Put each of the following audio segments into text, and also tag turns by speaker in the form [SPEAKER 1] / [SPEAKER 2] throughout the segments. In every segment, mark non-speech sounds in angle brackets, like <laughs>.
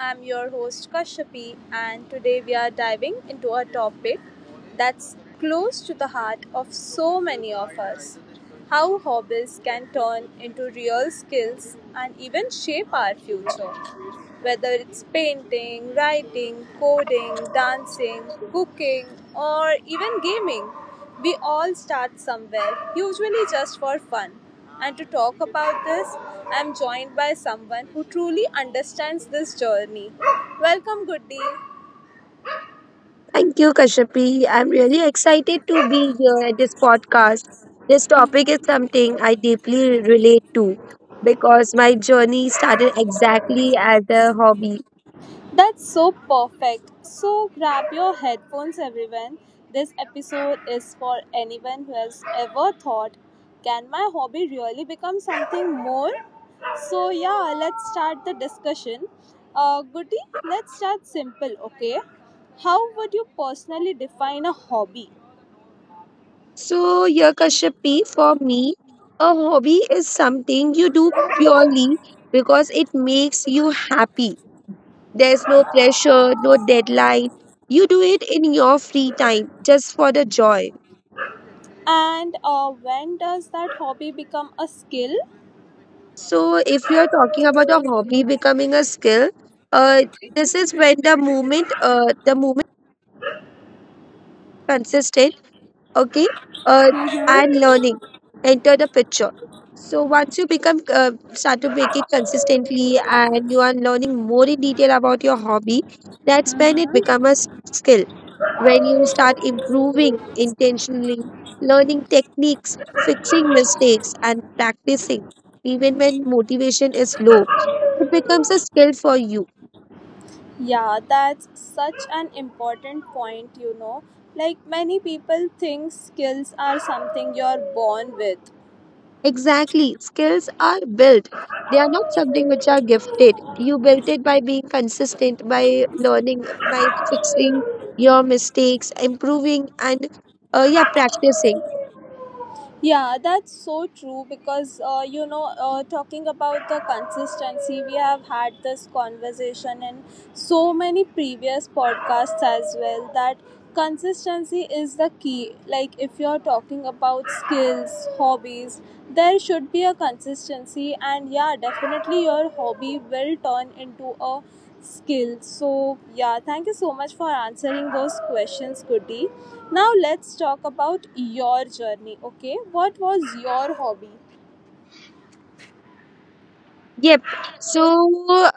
[SPEAKER 1] I'm your host Kashyapi, and today we are diving into a topic that's close to the heart of so many of us: how hobbies can turn into real skills and even shape our future. Whether it's painting, writing, coding, dancing, cooking, or even gaming, we all start somewhere, usually just for fun. And to talk about this, I'm joined by someone who truly understands this journey. Welcome, Goody.
[SPEAKER 2] Thank you, Kashyapi. I'm really excited to be here at this podcast. This topic is something I deeply relate to because my journey started exactly as a hobby.
[SPEAKER 1] That's so perfect. So grab your headphones, everyone. This episode is for anyone who has ever thought, can my hobby really become something more? So yeah, let's start the discussion. Goody, let's start simple, okay? How would you personally define a hobby?
[SPEAKER 2] So, here, Kashyapi, for me, a hobby is something you do purely because it makes you happy. There's no pressure, no deadline. You do it in your free time just for the joy.
[SPEAKER 1] And when does that hobby become a skill?
[SPEAKER 2] So, if you're talking about a hobby becoming a skill, uh, this is when the movement consistent, okay, uh, and learning enter the picture. So once you become start to make it consistently, and you are learning more in detail about your hobby, that's when it become a skill, when you start improving intentionally, learning techniques, fixing mistakes, and practicing, even when motivation is low, it becomes a skill for you.
[SPEAKER 1] Yeah, that's such an important point, you know. Like many people think skills are something you're born with.
[SPEAKER 2] Exactly, skills are built. They are not something which are gifted. You built it by being consistent, by learning, by fixing your mistakes, improving, and yeah, practicing.
[SPEAKER 1] Yeah, that's so true because talking about the consistency, we have had this conversation in so many previous podcasts as well, that consistency is the key. Like, if you're talking about skills, hobbies, there should be a consistency. And yeah, definitely your hobby will turn into a skill. So yeah, thank you so much for answering those questions, Goody. Now let's talk about your journey. Okay, what was your hobby?
[SPEAKER 2] Yep. So,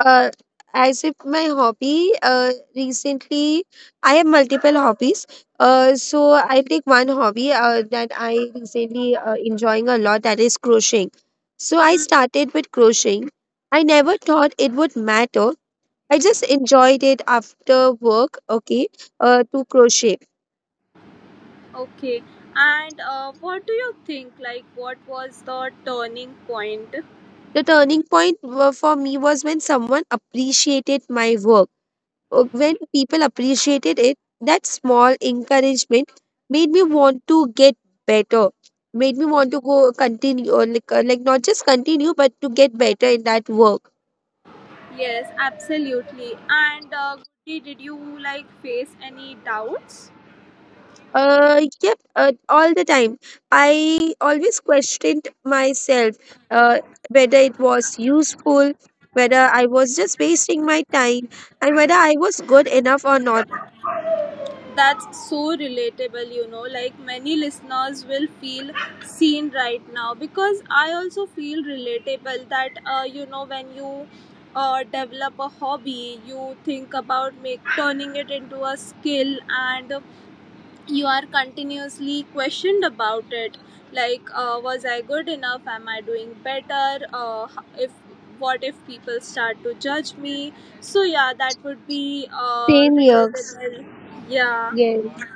[SPEAKER 2] uh, as if my hobby, recently I have multiple hobbies. So I take one hobby that I recently enjoying a lot, that is crocheting. So I started with crocheting. I never thought it would matter. I just enjoyed it after work, okay, to crochet.
[SPEAKER 1] Okay, and what do you think, like, what was the turning point?
[SPEAKER 2] The turning point for me was when someone appreciated my work, when people appreciated it, that small encouragement made me want to get better, made me want to go continue, or like not just continue, but to get better in that work.
[SPEAKER 1] Yes, absolutely. And Goody, did you like face any doubts?
[SPEAKER 2] Yep, all the time. I always questioned myself, uh, whether it was useful, whether I was just wasting my time, and whether I was good enough or not.
[SPEAKER 1] That's so relatable, you know. Like many listeners will feel seen right now, because I also feel relatable that when you develop a hobby, you think about make turning it into a skill, and you are continuously questioned about it, like was I good enough? Am I doing better? Uh, if what if people start to judge me? So yeah, that would be
[SPEAKER 2] Same years.
[SPEAKER 1] relatable. Yeah,
[SPEAKER 2] Yes.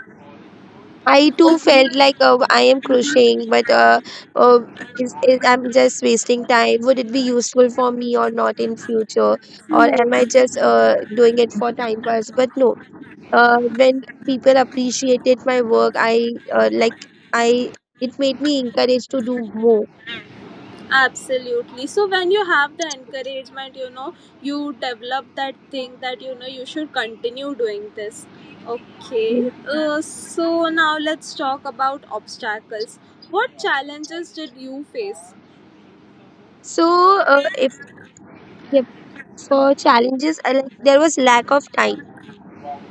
[SPEAKER 2] I too felt like I am crocheting, but uh, I'm just wasting time. Would it be useful for me or not in future, or
[SPEAKER 1] true,
[SPEAKER 2] am I just doing it for time pass? But no, when people appreciated my work, I like I it made me encouraged to do more.
[SPEAKER 1] absolutely. So when you have the encouragement, you develop that thing, that you should continue doing this. Okay.
[SPEAKER 2] Mhm.
[SPEAKER 1] So now let's talk about obstacles. What challenges did you face?
[SPEAKER 2] So if yeah, for challenges, like there was lack of time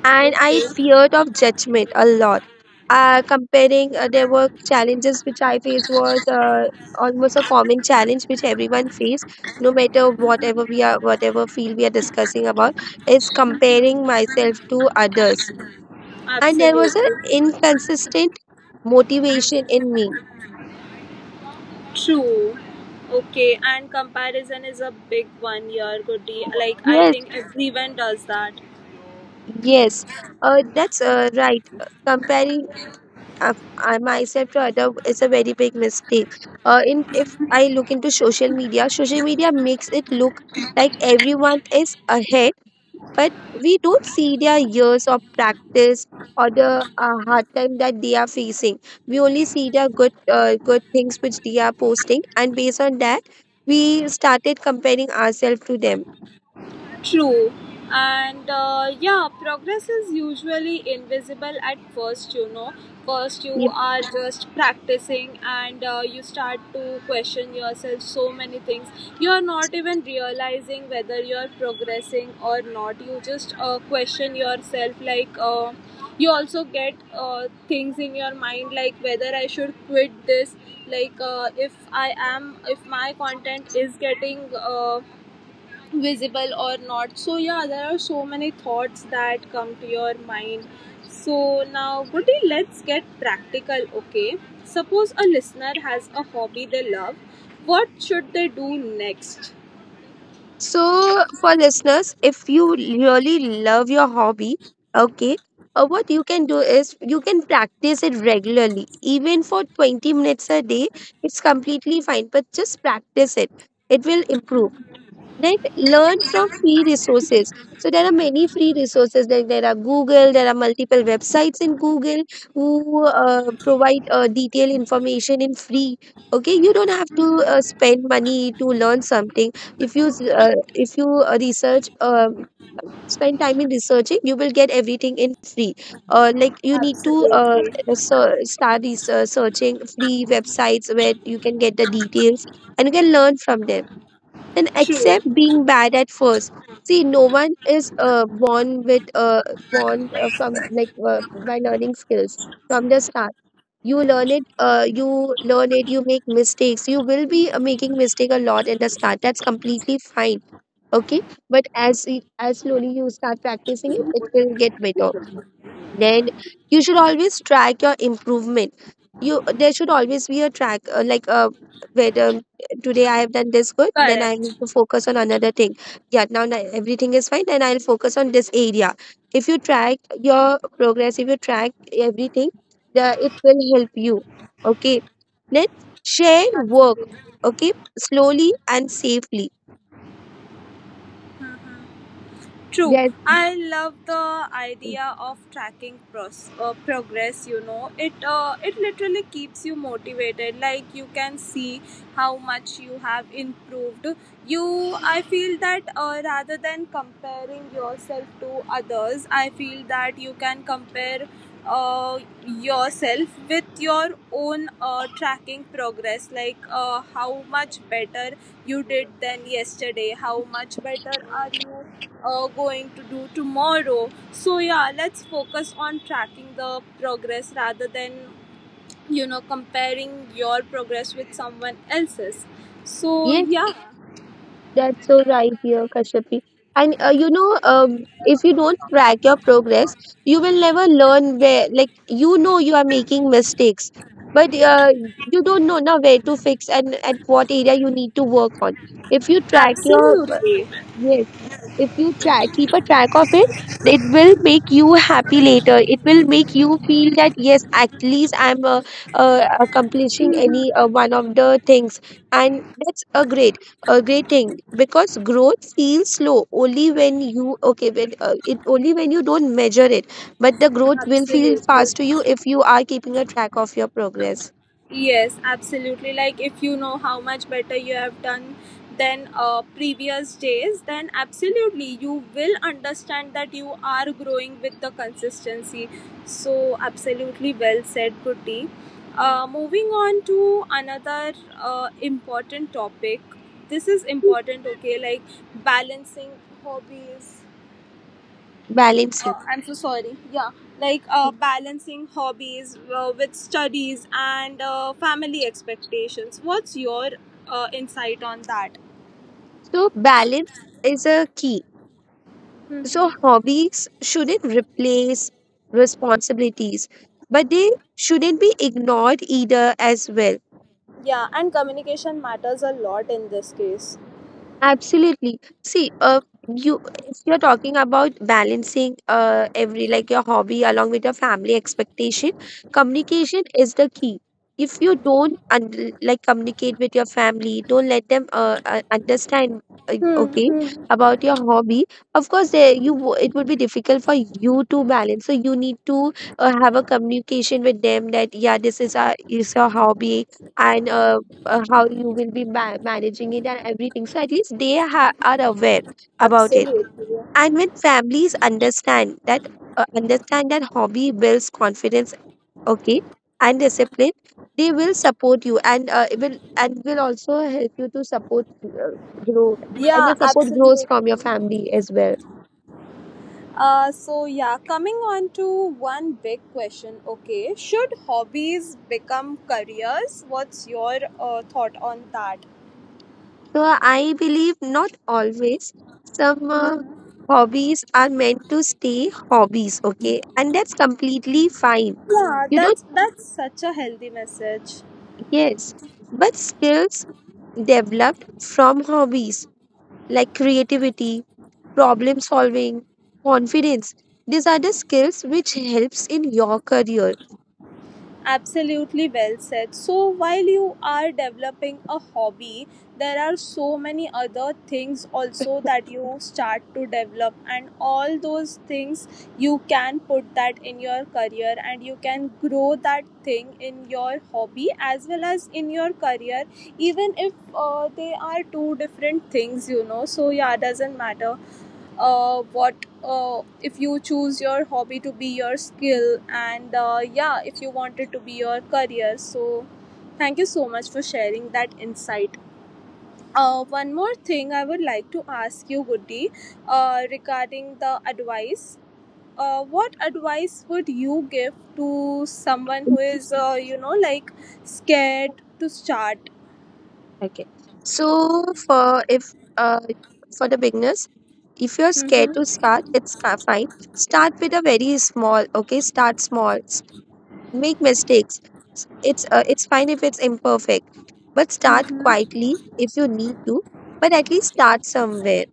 [SPEAKER 2] and I
[SPEAKER 1] Okay,
[SPEAKER 2] feared of judgment a lot. There were challenges which I faced was almost a common challenge which everyone face, no matter whatever we are, whatever field we are discussing about, is comparing myself to others. And there
[SPEAKER 1] absolutely.
[SPEAKER 2] was an inconsistent motivation in me.
[SPEAKER 1] True. Okay, and comparison is a big one here, Goody. Like, I
[SPEAKER 2] Yes,
[SPEAKER 1] think everyone does that.
[SPEAKER 2] yes, that's right. Comparing I, I myself rather is a very big mistake. In if I look into social media makes it look like everyone is ahead, but we don't see their years of practice or the hard time that they are facing. We only see their good things which they are posting, and based on that, we started comparing ourselves to them.
[SPEAKER 1] True. And yeah, progress is usually invisible at first, you know. First, you are just practicing, and you start to question yourself so many things. You are not even realizing whether you are progressing or not. You just question yourself, like, you also get things in your mind, like whether I should quit this, like, if I am, if my content is getting. Visible or not. So yeah, there are so many thoughts that come to your mind. So now, buddy, let's get practical. Okay, suppose a listener has a hobby they love. What should they do next?
[SPEAKER 2] So, for listeners, if you really love your hobby, okay, what you can do is you can practice it regularly, even for 20 minutes a day. It's completely fine, but just practice it. It will improve. Then learn from free resources. So there are many free resources. Like there are Google, there are multiple websites in Google who provide detailed information in free. Okay, you don't have to spend money to learn something. If you s- if you research spend time in researching, you will get everything in free. uh, like you need to uh,
[SPEAKER 1] Absolutely.
[SPEAKER 2] so start researching free websites where you can get the details and you can learn from them, and
[SPEAKER 1] True.
[SPEAKER 2] accept being bad at first. See, no one is born with born from by learning skills from the start. You learn it, you make mistakes. You will be making mistake a lot in the start. That's completely fine, okay? But as slowly you start practicing it, it will get better. Then you should always track your improvement. You there should always be a track, like, whether today I have done this good, then I need
[SPEAKER 1] Correct.
[SPEAKER 2] to focus on another thing, yeah. Now, everything is fine, then I'll focus on this area. If you track your progress, if you track everything, it will help you, okay? Then share work,
[SPEAKER 1] Absolutely.
[SPEAKER 2] okay? Slowly and safely.
[SPEAKER 1] True,
[SPEAKER 2] Yes,
[SPEAKER 1] I love the idea of tracking progress. You know, it literally keeps you motivated. Like you can see how much you have improved. I feel that rather than comparing yourself to others, I feel that you can compare uh, yourself with your own tracking progress. Like how much better you did than yesterday, how much better are you going to do tomorrow. So yeah, let's focus on tracking the progress rather than comparing your progress with someone else's. So
[SPEAKER 2] yes.
[SPEAKER 1] yeah,
[SPEAKER 2] That's so right here, Kashyapi. And if you don't track your progress, you will never learn where, like, you are making mistakes, but you don't know now where to fix and at what area you need to work on. If you track
[SPEAKER 1] absolutely,
[SPEAKER 2] yes, if you try keep a track of it will make you happy later. It will make you feel that yes, at least I'm accomplishing any one of the things, and that's a great thing, because growth feels slow only when you, okay, when it, only when you don't measure it, but the growth will feel
[SPEAKER 1] absolutely.
[SPEAKER 2] fast to you if you are keeping a track of your progress.
[SPEAKER 1] Yes, absolutely. Like if you know how much better you have done than previous days, then absolutely you will understand that you are growing with the consistency. So absolutely, well said, Pruti.
[SPEAKER 2] Mm.
[SPEAKER 1] Moving on to another important topic. This is important, okay? Like balancing hobbies,
[SPEAKER 2] balancing
[SPEAKER 1] I'm so sorry. Yeah, like balancing hobbies with studies and family expectations. What's your insight on that?
[SPEAKER 2] so balance is a key. So
[SPEAKER 1] Mm-hmm.
[SPEAKER 2] hobbies shouldn't replace responsibilities, but they shouldn't be ignored either as well.
[SPEAKER 1] Yeah, and communication matters a lot in this case.
[SPEAKER 2] Absolutely. See, you if you're talking about balancing every like your hobby along with your family expectation, communication is the key. If you don't un like communicate with your family, don't let them understand, okay,
[SPEAKER 1] Mm-hmm.
[SPEAKER 2] about your hobby. Of course, there, it would be difficult for you to balance. So you need to have a communication with them that yeah, this is our is your hobby. And how you will be managing it and everything. So at least they are aware about it.
[SPEAKER 1] Absolutely.
[SPEAKER 2] And when families understand that hobby builds confidence, okay, and discipline, they will support you, and it will and will also help you to support grow, and
[SPEAKER 1] Yeah,
[SPEAKER 2] your support grows from your
[SPEAKER 1] absolutely.
[SPEAKER 2] family as well.
[SPEAKER 1] So yeah, coming on to one big question. Okay, should hobbies become careers? What's your thought on that?
[SPEAKER 2] So I believe not always, some hobbies are meant to stay hobbies, okay, and that's completely fine,
[SPEAKER 1] Yeah,
[SPEAKER 2] you don't.
[SPEAKER 1] that's such a healthy message.
[SPEAKER 2] Yes, but skills developed from hobbies like creativity, problem solving, confidence. These are the skills which helps in your career.
[SPEAKER 1] Absolutely, well said. So while you are developing a hobby, there are so many other things also that you start to develop, and all those things you can put that in your career, and you can grow that thing in your hobby as well as in your career, even if they are two different things, you know. So yeah, doesn't matter what, if you choose your hobby to be your skill, and yeah, if you want it to be your career. So thank you so much for sharing that insight. One more thing I would like to ask you, Goody. Regarding the advice, what advice would you give to someone who is like scared to start?
[SPEAKER 2] Okay. So for the beginners, if you're scared to
[SPEAKER 1] Mm-hmm.
[SPEAKER 2] start, it's fine. Start with a very small. Okay, start small. Make mistakes. It's fine if it's imperfect, but start
[SPEAKER 1] Mm-hmm.
[SPEAKER 2] quietly if you need to. But at least start somewhere.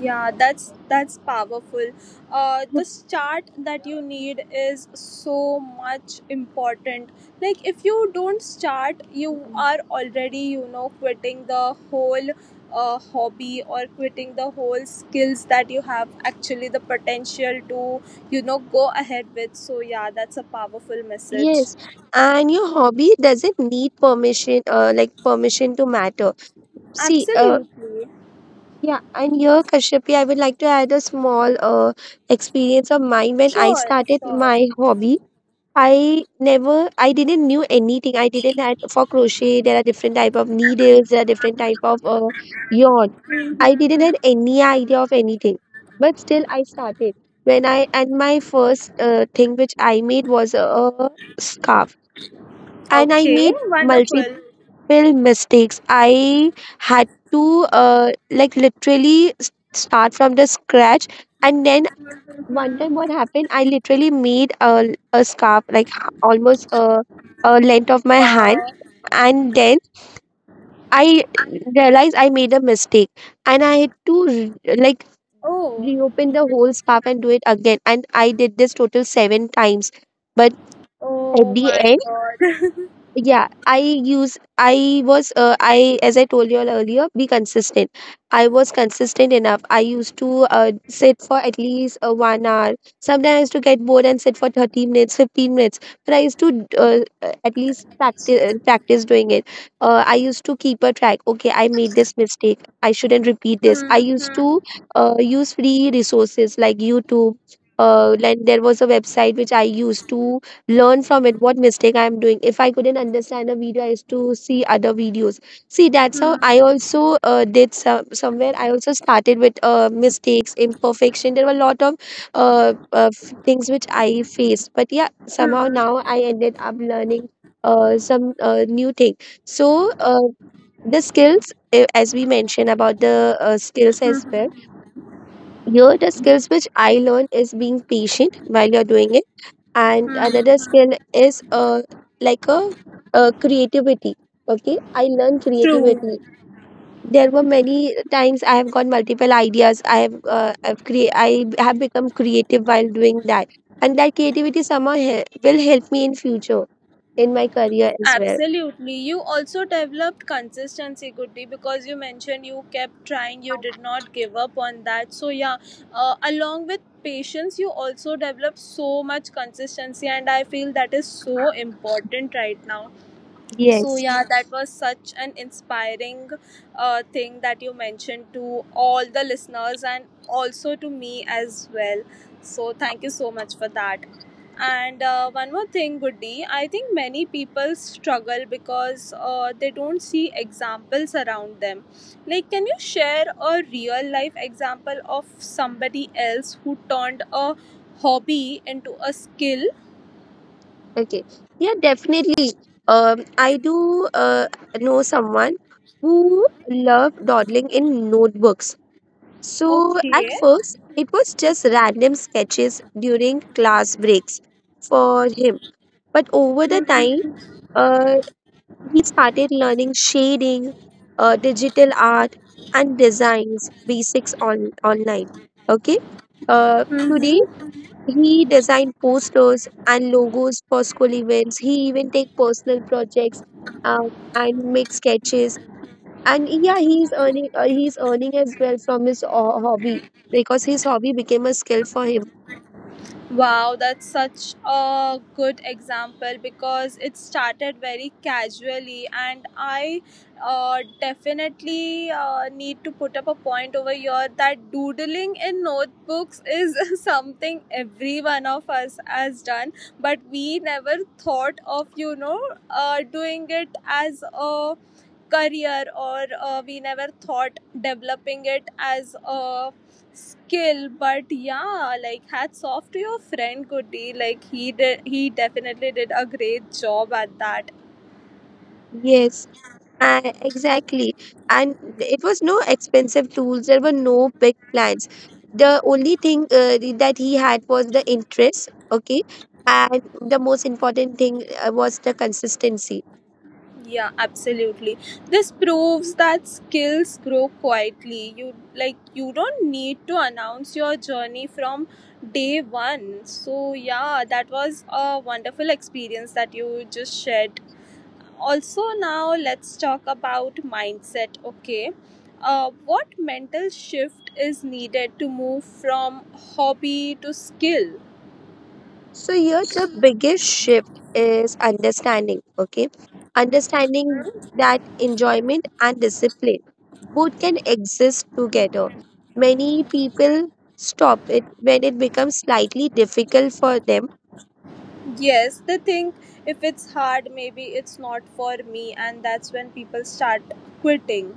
[SPEAKER 1] Yeah, that's powerful. The start that you need is so much important. Like if you don't start, you
[SPEAKER 2] Mm,
[SPEAKER 1] are already quitting the whole hobby, or quitting the whole skills that you have actually the potential to go ahead with. So yeah, that's a powerful message.
[SPEAKER 2] yes, and your hobby doesn't need permission to matter. See,
[SPEAKER 1] Absolutely.
[SPEAKER 2] yeah, and here, Kashyapi, I would like to add a small experience of mine when I
[SPEAKER 1] Sure.
[SPEAKER 2] started
[SPEAKER 1] Sure.
[SPEAKER 2] my hobby. I didn't knew anything. I didn't had for crochet. There are different type of needles. There are different type of yarn.
[SPEAKER 1] Mm-hmm.
[SPEAKER 2] I didn't had
[SPEAKER 1] Mm-hmm.
[SPEAKER 2] any idea of anything, but still I started. When I and my first thing which I made was a scarf, and I
[SPEAKER 1] Okay.
[SPEAKER 2] made
[SPEAKER 1] Wonderful.
[SPEAKER 2] multiple mistakes. I had to like literally start from the scratch. And then one time, what
[SPEAKER 1] Mhm.
[SPEAKER 2] happened? I literally made a scarf like almost a length of my hand,
[SPEAKER 1] Wow.
[SPEAKER 2] and then I realized I made a mistake, and I had to
[SPEAKER 1] Oh,
[SPEAKER 2] reopen the whole scarf and do it again. And I did this total seven times, but at
[SPEAKER 1] oh
[SPEAKER 2] the
[SPEAKER 1] my
[SPEAKER 2] end,
[SPEAKER 1] God. <laughs>
[SPEAKER 2] yeah, I as I told you all earlier, be consistent. I was consistent enough. I used to sit for at least 1 hour. Sometimes I used to get bored and sit for 30 minutes, 15 minutes, but I used to at least practice, practice doing it. I used to keep a track. Okay, I made this mistake, I shouldn't repeat this. I
[SPEAKER 1] Hmm,
[SPEAKER 2] used
[SPEAKER 1] hmm,
[SPEAKER 2] to use free resources like YouTube, and there was a website which I used to learn from it what mistake I'm doing. If I couldn't understand a video, I used to see other videos. See, that's how I
[SPEAKER 1] hmm,
[SPEAKER 2] also did some somewhere I also started with mistakes, imperfection. There were a lot of things which I faced, but yeah, somehow now
[SPEAKER 1] hmm,
[SPEAKER 2] I ended up learning some new thing. So the skills, as we mentioned about the skills as well,
[SPEAKER 1] hmm,
[SPEAKER 2] here the
[SPEAKER 1] hmm.
[SPEAKER 2] skills which I learned is being patient while you're doing it, and another
[SPEAKER 1] Hmm.
[SPEAKER 2] skill is like a creativity. Okay, I learned
[SPEAKER 1] True.
[SPEAKER 2] creativity. There were many times I have got multiple ideas. I have become creative while doing that, and that creativity somehow will help me in future in my career as well.
[SPEAKER 1] Absolutely. You also developed consistency, Goody, because you mentioned you kept trying, you did not give up on that. So yeah, along with patience, you also developed so much consistency, and I feel that is so important right now. So
[SPEAKER 2] Yes.
[SPEAKER 1] yeah, that was such an inspiring thing that you mentioned to all the listeners and also to me as well. So thank you so much for that. And one more thing, Goody, I think many people struggle because they don't see examples around them. Like, can you share a real life example of somebody else who turned a hobby into a skill?
[SPEAKER 2] Okay. Yeah, definitely. Um, I do uh, know someone who loved dawdling in notebooks. So At
[SPEAKER 1] Okay.
[SPEAKER 2] first, it was just random sketches during class breaks for him. But over the time, uh, he started learning shading, digital art, and designs basics on online. Okay. Uh, today,
[SPEAKER 1] Mm-hmm.
[SPEAKER 2] he designed posters and logos for school events. He even take personal projects uh, and make sketches, and yeah, he's earning as well from his hobby, because his hobby became a skill for him.
[SPEAKER 1] Wow, that's such a good example because it started very casually, and I definitely need to put up a point over here that doodling in notebooks is <laughs> something every one of us has done, but we never thought of doing it as a career, or we never thought developing it as a skill. But yeah, like hats off to your friend, Goody. Like he definitely did a great job at that.
[SPEAKER 2] Yes, exactly. And it was no expensive tools. There were no big plans. The only thing that he had was the interest, okay? And the most important thing was the consistency.
[SPEAKER 1] Yeah, absolutely. This proves that skills grow quietly. You like you don't need to announce your journey from day one. So yeah, that was a wonderful experience that you just shared also. Now let's talk about mindset. Okay, what mental shift is needed to move from hobby to skill?
[SPEAKER 2] So here the biggest shift is understanding, okay? Understanding that enjoyment and discipline both can exist together. Many people stop it when it becomes slightly difficult for them.
[SPEAKER 1] Yes, they think if it's hard maybe it's not for me, and that's when people start quitting.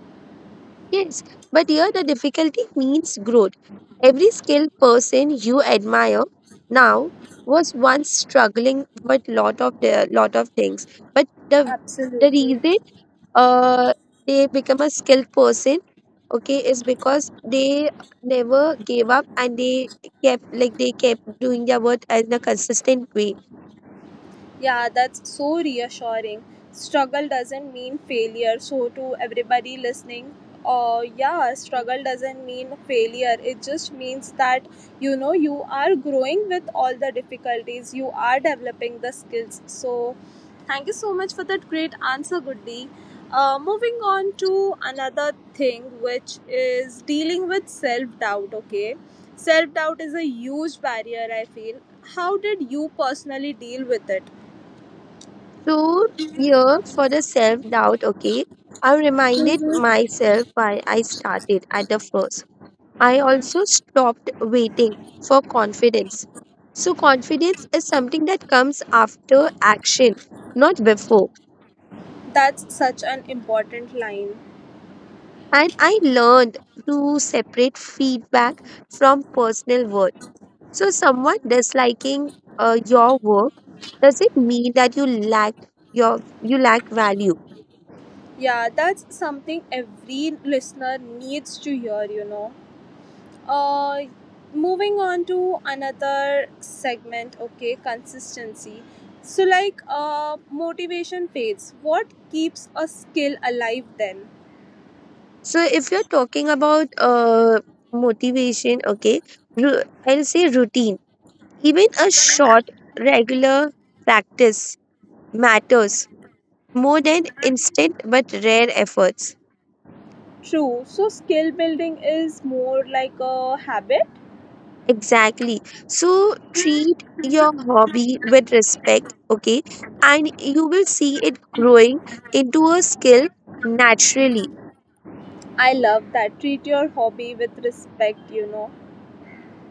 [SPEAKER 2] Yes, but here the difficulty means growth. Every skilled person you admire now was once struggling with lot of things, but the
[SPEAKER 1] Absolutely.
[SPEAKER 2] reason uh, they become a skilled person, okay, is because they never gave up, and they kept doing their work in a consistent way.
[SPEAKER 1] Yeah, that's so reassuring. Struggle doesn't mean failure. So, to everybody listening, yeah, struggle doesn't mean failure. It just means that you are growing with all the difficulties, you are developing the skills. So thank you so much for that great answer, Goodly. Moving on to another thing, which is dealing with self doubt. Okay, self doubt is a huge barrier, I feel. How did you personally deal with it?
[SPEAKER 2] So here, for the self doubt, okay, I reminded myself why I started at the first. I also stopped waiting for confidence. So confidence is something that comes after action, not before.
[SPEAKER 1] That's such an important line.
[SPEAKER 2] And I learned to separate feedback from personal worth. So, someone disliking your work, does it mean that you lack value?
[SPEAKER 1] Yeah, that's something every listener needs to hear, you know. Uh, Moving on to another segment, okay, consistency. So, like, motivation fades. What keeps a skill alive then?
[SPEAKER 2] So, if you're talking about motivation, okay, I'll say routine. Even a short regular practice matters more than instant but rare efforts.
[SPEAKER 1] True. So, skill building is more like a habit.
[SPEAKER 2] Exactly. So, treat your hobby with respect, okay, and you will see it growing into a skill naturally.
[SPEAKER 1] I love that. Treat your hobby with respect, you know.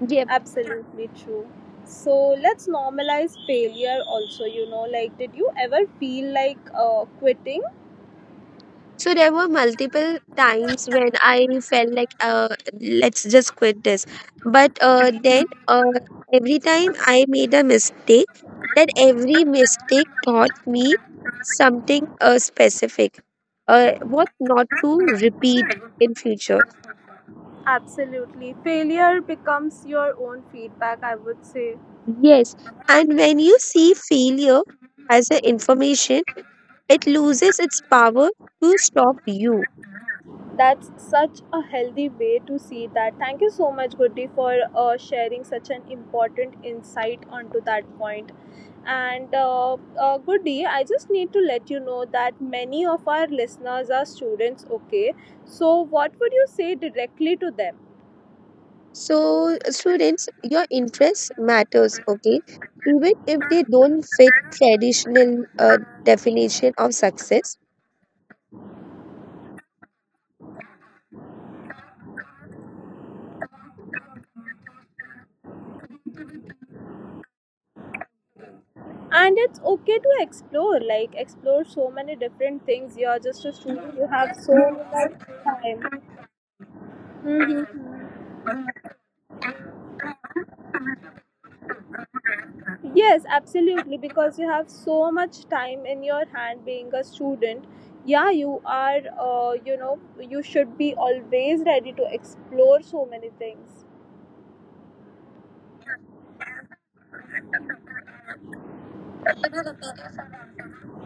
[SPEAKER 2] Yep.
[SPEAKER 1] Absolutely true. So let's normalize failure also, you know. Like, did you ever feel like quitting?
[SPEAKER 2] So there were multiple times when I felt like, let's just quit this. But then every time I made a mistake, that every mistake taught me something specific, what not to repeat in future.
[SPEAKER 1] Absolutely. Failure becomes your own feedback, I would say.
[SPEAKER 2] Yes. And when you see failure as an information, it loses its power to stop you.
[SPEAKER 1] That's such a healthy way to see that. Thank you so much, Goody, for sharing such an important insight onto that point. And Goody, I just need to let you know that many of our listeners are students, okay? So what would you say directly to them?
[SPEAKER 2] So students, your interest matters, okay? Even if they don't fit traditional definition of success.
[SPEAKER 1] And it's okay to explore, like, explore so many different things. You're just a student, you have so much time. Mhm. Yes, absolutely, because you have so much time in your hand, being a student. Yeah, you are you know you should be always ready to explore so many things.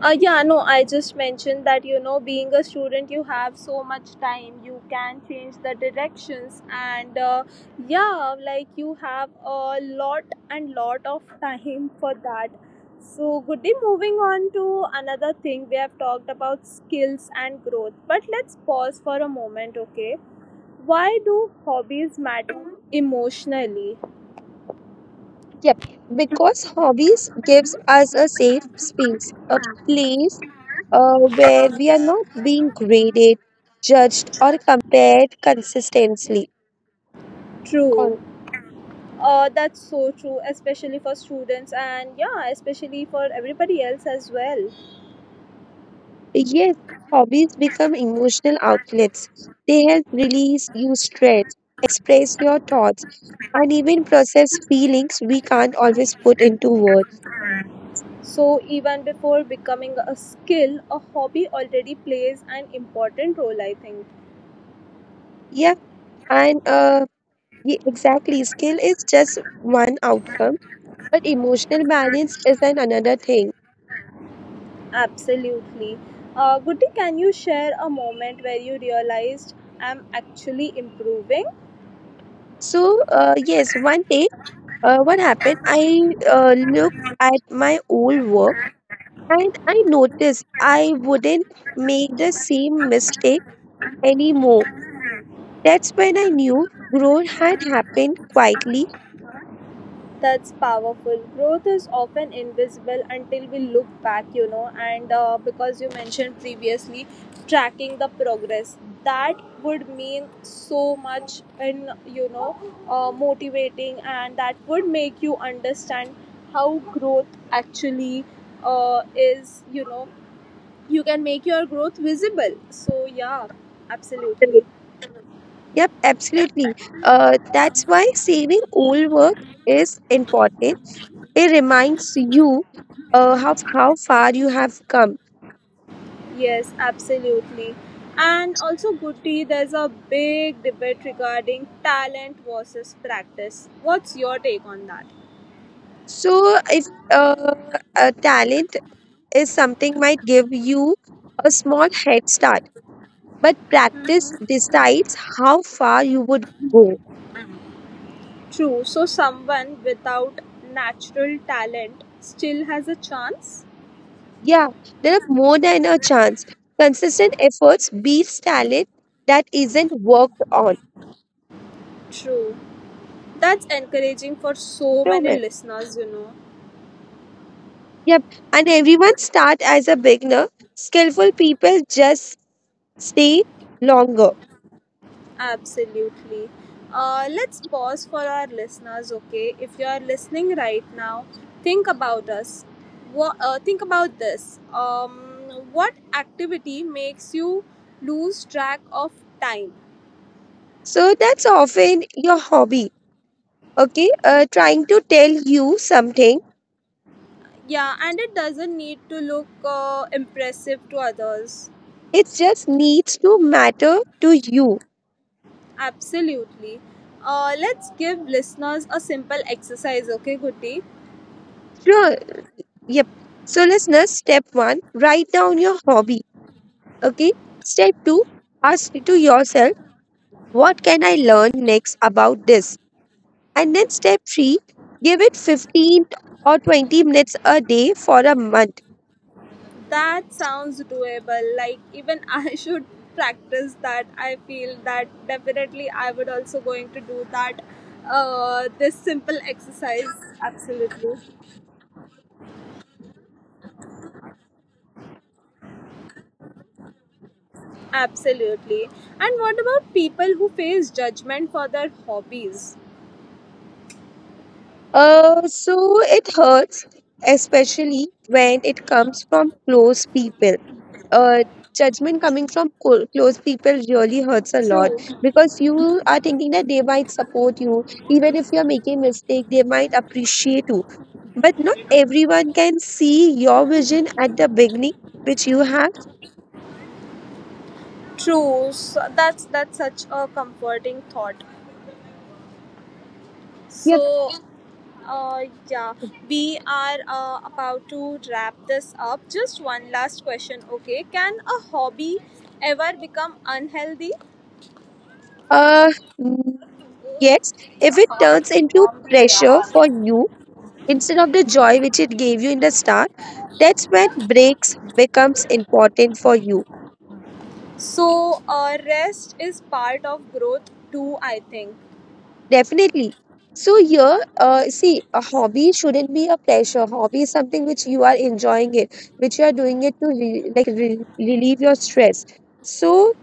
[SPEAKER 1] Yeah, no, I just mentioned that, being a student, you have so much time, you can change the directions, and yeah, like you have a lot and lot of <laughs> time for that. So, good day. Moving on to another thing, we have talked about skills and growth, but let's pause for a moment, okay? Why do hobbies matter emotionally?
[SPEAKER 2] Yep, because hobbies gives us a safe space, a place where we are not being graded, judged, or compared consistently.
[SPEAKER 1] True.
[SPEAKER 2] Or
[SPEAKER 1] That's so true, especially for students, and yeah, especially for everybody else as well.
[SPEAKER 2] yes, hobbies become emotional outlets. They help release you stress, express your thoughts, and even process feelings we can't always put into words.
[SPEAKER 1] So even before becoming a skill, a hobby already plays an important role, I think.
[SPEAKER 2] Yeah, and exactly, skill is just one outcome, but emotional balance is an another thing.
[SPEAKER 1] Absolutely. Goody, can you share a moment where you realized I'm actually improving?
[SPEAKER 2] So, yes, one day, what happened? I looked at my old work, and I noticed I wouldn't make the same mistake anymore. That's when I knew growth had happened quietly.
[SPEAKER 1] That's powerful. Growth is often invisible until we look back, you know. And because you mentioned previously, tracking the progress, that would mean so much in motivating, and that would make you understand how growth actually is. You know you can make your growth visible. So yeah, absolutely.
[SPEAKER 2] Yep, absolutely. That's why saving old work is important. It reminds you how far you have come.
[SPEAKER 1] Yes, absolutely. And also, Guti, there's a big debate regarding talent versus practice. What's your take on that?
[SPEAKER 2] So, if a talent is something, might give you a small head start, but practice decides how far you would go.
[SPEAKER 1] True, so someone without natural talent still has a chance?
[SPEAKER 2] Yeah, there are more than a chance. Consistent efforts beats talent that isn't worked on.
[SPEAKER 1] True. That's encouraging for so many
[SPEAKER 2] Roman.
[SPEAKER 1] listeners, you know.
[SPEAKER 2] Yep, and everyone start as a beginner. Skillful people just stay longer.
[SPEAKER 1] Absolutely. Let's pause for our listeners, okay? If you are listening right now, think about us. Think about this. What activity makes you lose track of time?
[SPEAKER 2] So that's often your hobby, okay, trying to tell you something.
[SPEAKER 1] Yeah, and it doesn't need to look impressive to others.
[SPEAKER 2] It just needs to matter to you.
[SPEAKER 1] Absolutely. Let's give listeners a simple exercise, okay, Guti?
[SPEAKER 2] Sure. Yep. So, listeners, step one, write down your hobby. Okay. Step two, ask to yourself, what can I learn next about this? And then step three, give it 15 or 20 minutes a day for a month.
[SPEAKER 1] That sounds doable. Like even I <laughs> should practice that. I feel that definitely I would also going to do that. This simple exercise. Absolutely, absolutely. And what about people who face judgment for their hobbies?
[SPEAKER 2] So it hurts, especially when it comes from close people. Uh, judgment coming from close people really hurts a lot,
[SPEAKER 1] True,
[SPEAKER 2] because you are thinking that they might support you, even if you're making mistake, they might appreciate you. But not everyone can see your vision at the beginning, which you have.
[SPEAKER 1] true. So that's such a comforting thought.
[SPEAKER 2] You
[SPEAKER 1] So yeah,
[SPEAKER 2] have
[SPEAKER 1] we are about to wrap this up. Just one last question, okay? Can a hobby ever become unhealthy?
[SPEAKER 2] uh, mm, yes, if it turns into pressure for
[SPEAKER 1] <laughs>
[SPEAKER 2] you, instead of the joy which it gave you in the start, that's when breaks becomes important for you.
[SPEAKER 1] So, rest is part of growth too, I think.
[SPEAKER 2] Definitely. So here, see, a hobby shouldn't be a pressure. Hobby is something which you are enjoying it, which you are doing it to relieve your stress. So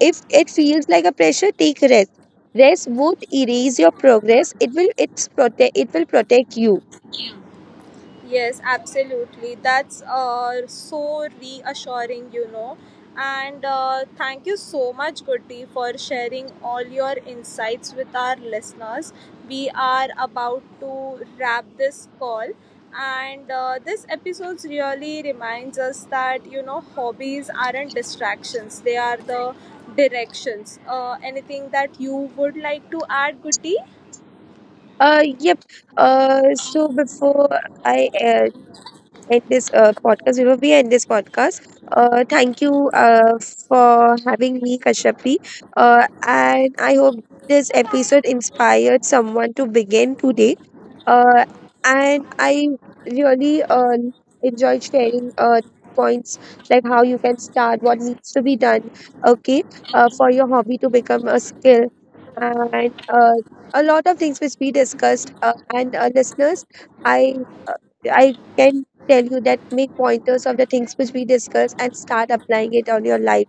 [SPEAKER 2] if it feels like a pressure, take rest. Rest won't erase your progress. It will protect you.
[SPEAKER 1] Yes, absolutely. That's so reassuring, you know. And thank you so much, Goody, for sharing all your insights with our listeners. We are about to wrap this call. And this episode really reminds us that, you know, hobbies aren't distractions, they are the directions. Anything that you would like to add, Goody?
[SPEAKER 2] Yep. So i uh, before we end this podcast, thank you for having me, Kashyapi. And I hope this episode inspired someone to begin today. Uh, and I really enjoyed sharing points like how you can start, what needs to be done, okay, for your hobby to become a skill. And a lot of things which we discussed, and listeners, I uh, I can tell you that, make pointers of the things which we discuss and start applying it on your life.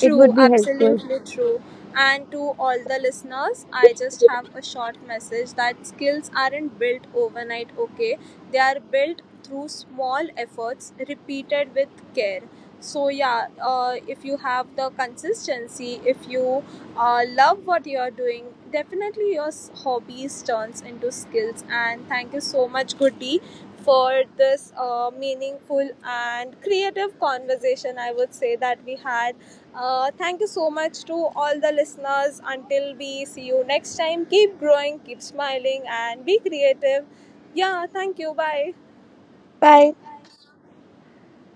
[SPEAKER 2] It would be helpful.
[SPEAKER 1] absolutely true. And to all the listeners, I just have a short message, that skills aren't built overnight, okay? They are built through small efforts repeated with care. So yeah, if you have the consistency, if you love what you are doing, definitely your hobbies turns into skills. And thank you so much, Goody, for this meaningful and creative conversation, I would say, that we had. Thank you so much to all the listeners. Until we see you next time, keep growing, keep smiling, and be creative. Yeah, thank you. Bye.
[SPEAKER 2] Bye.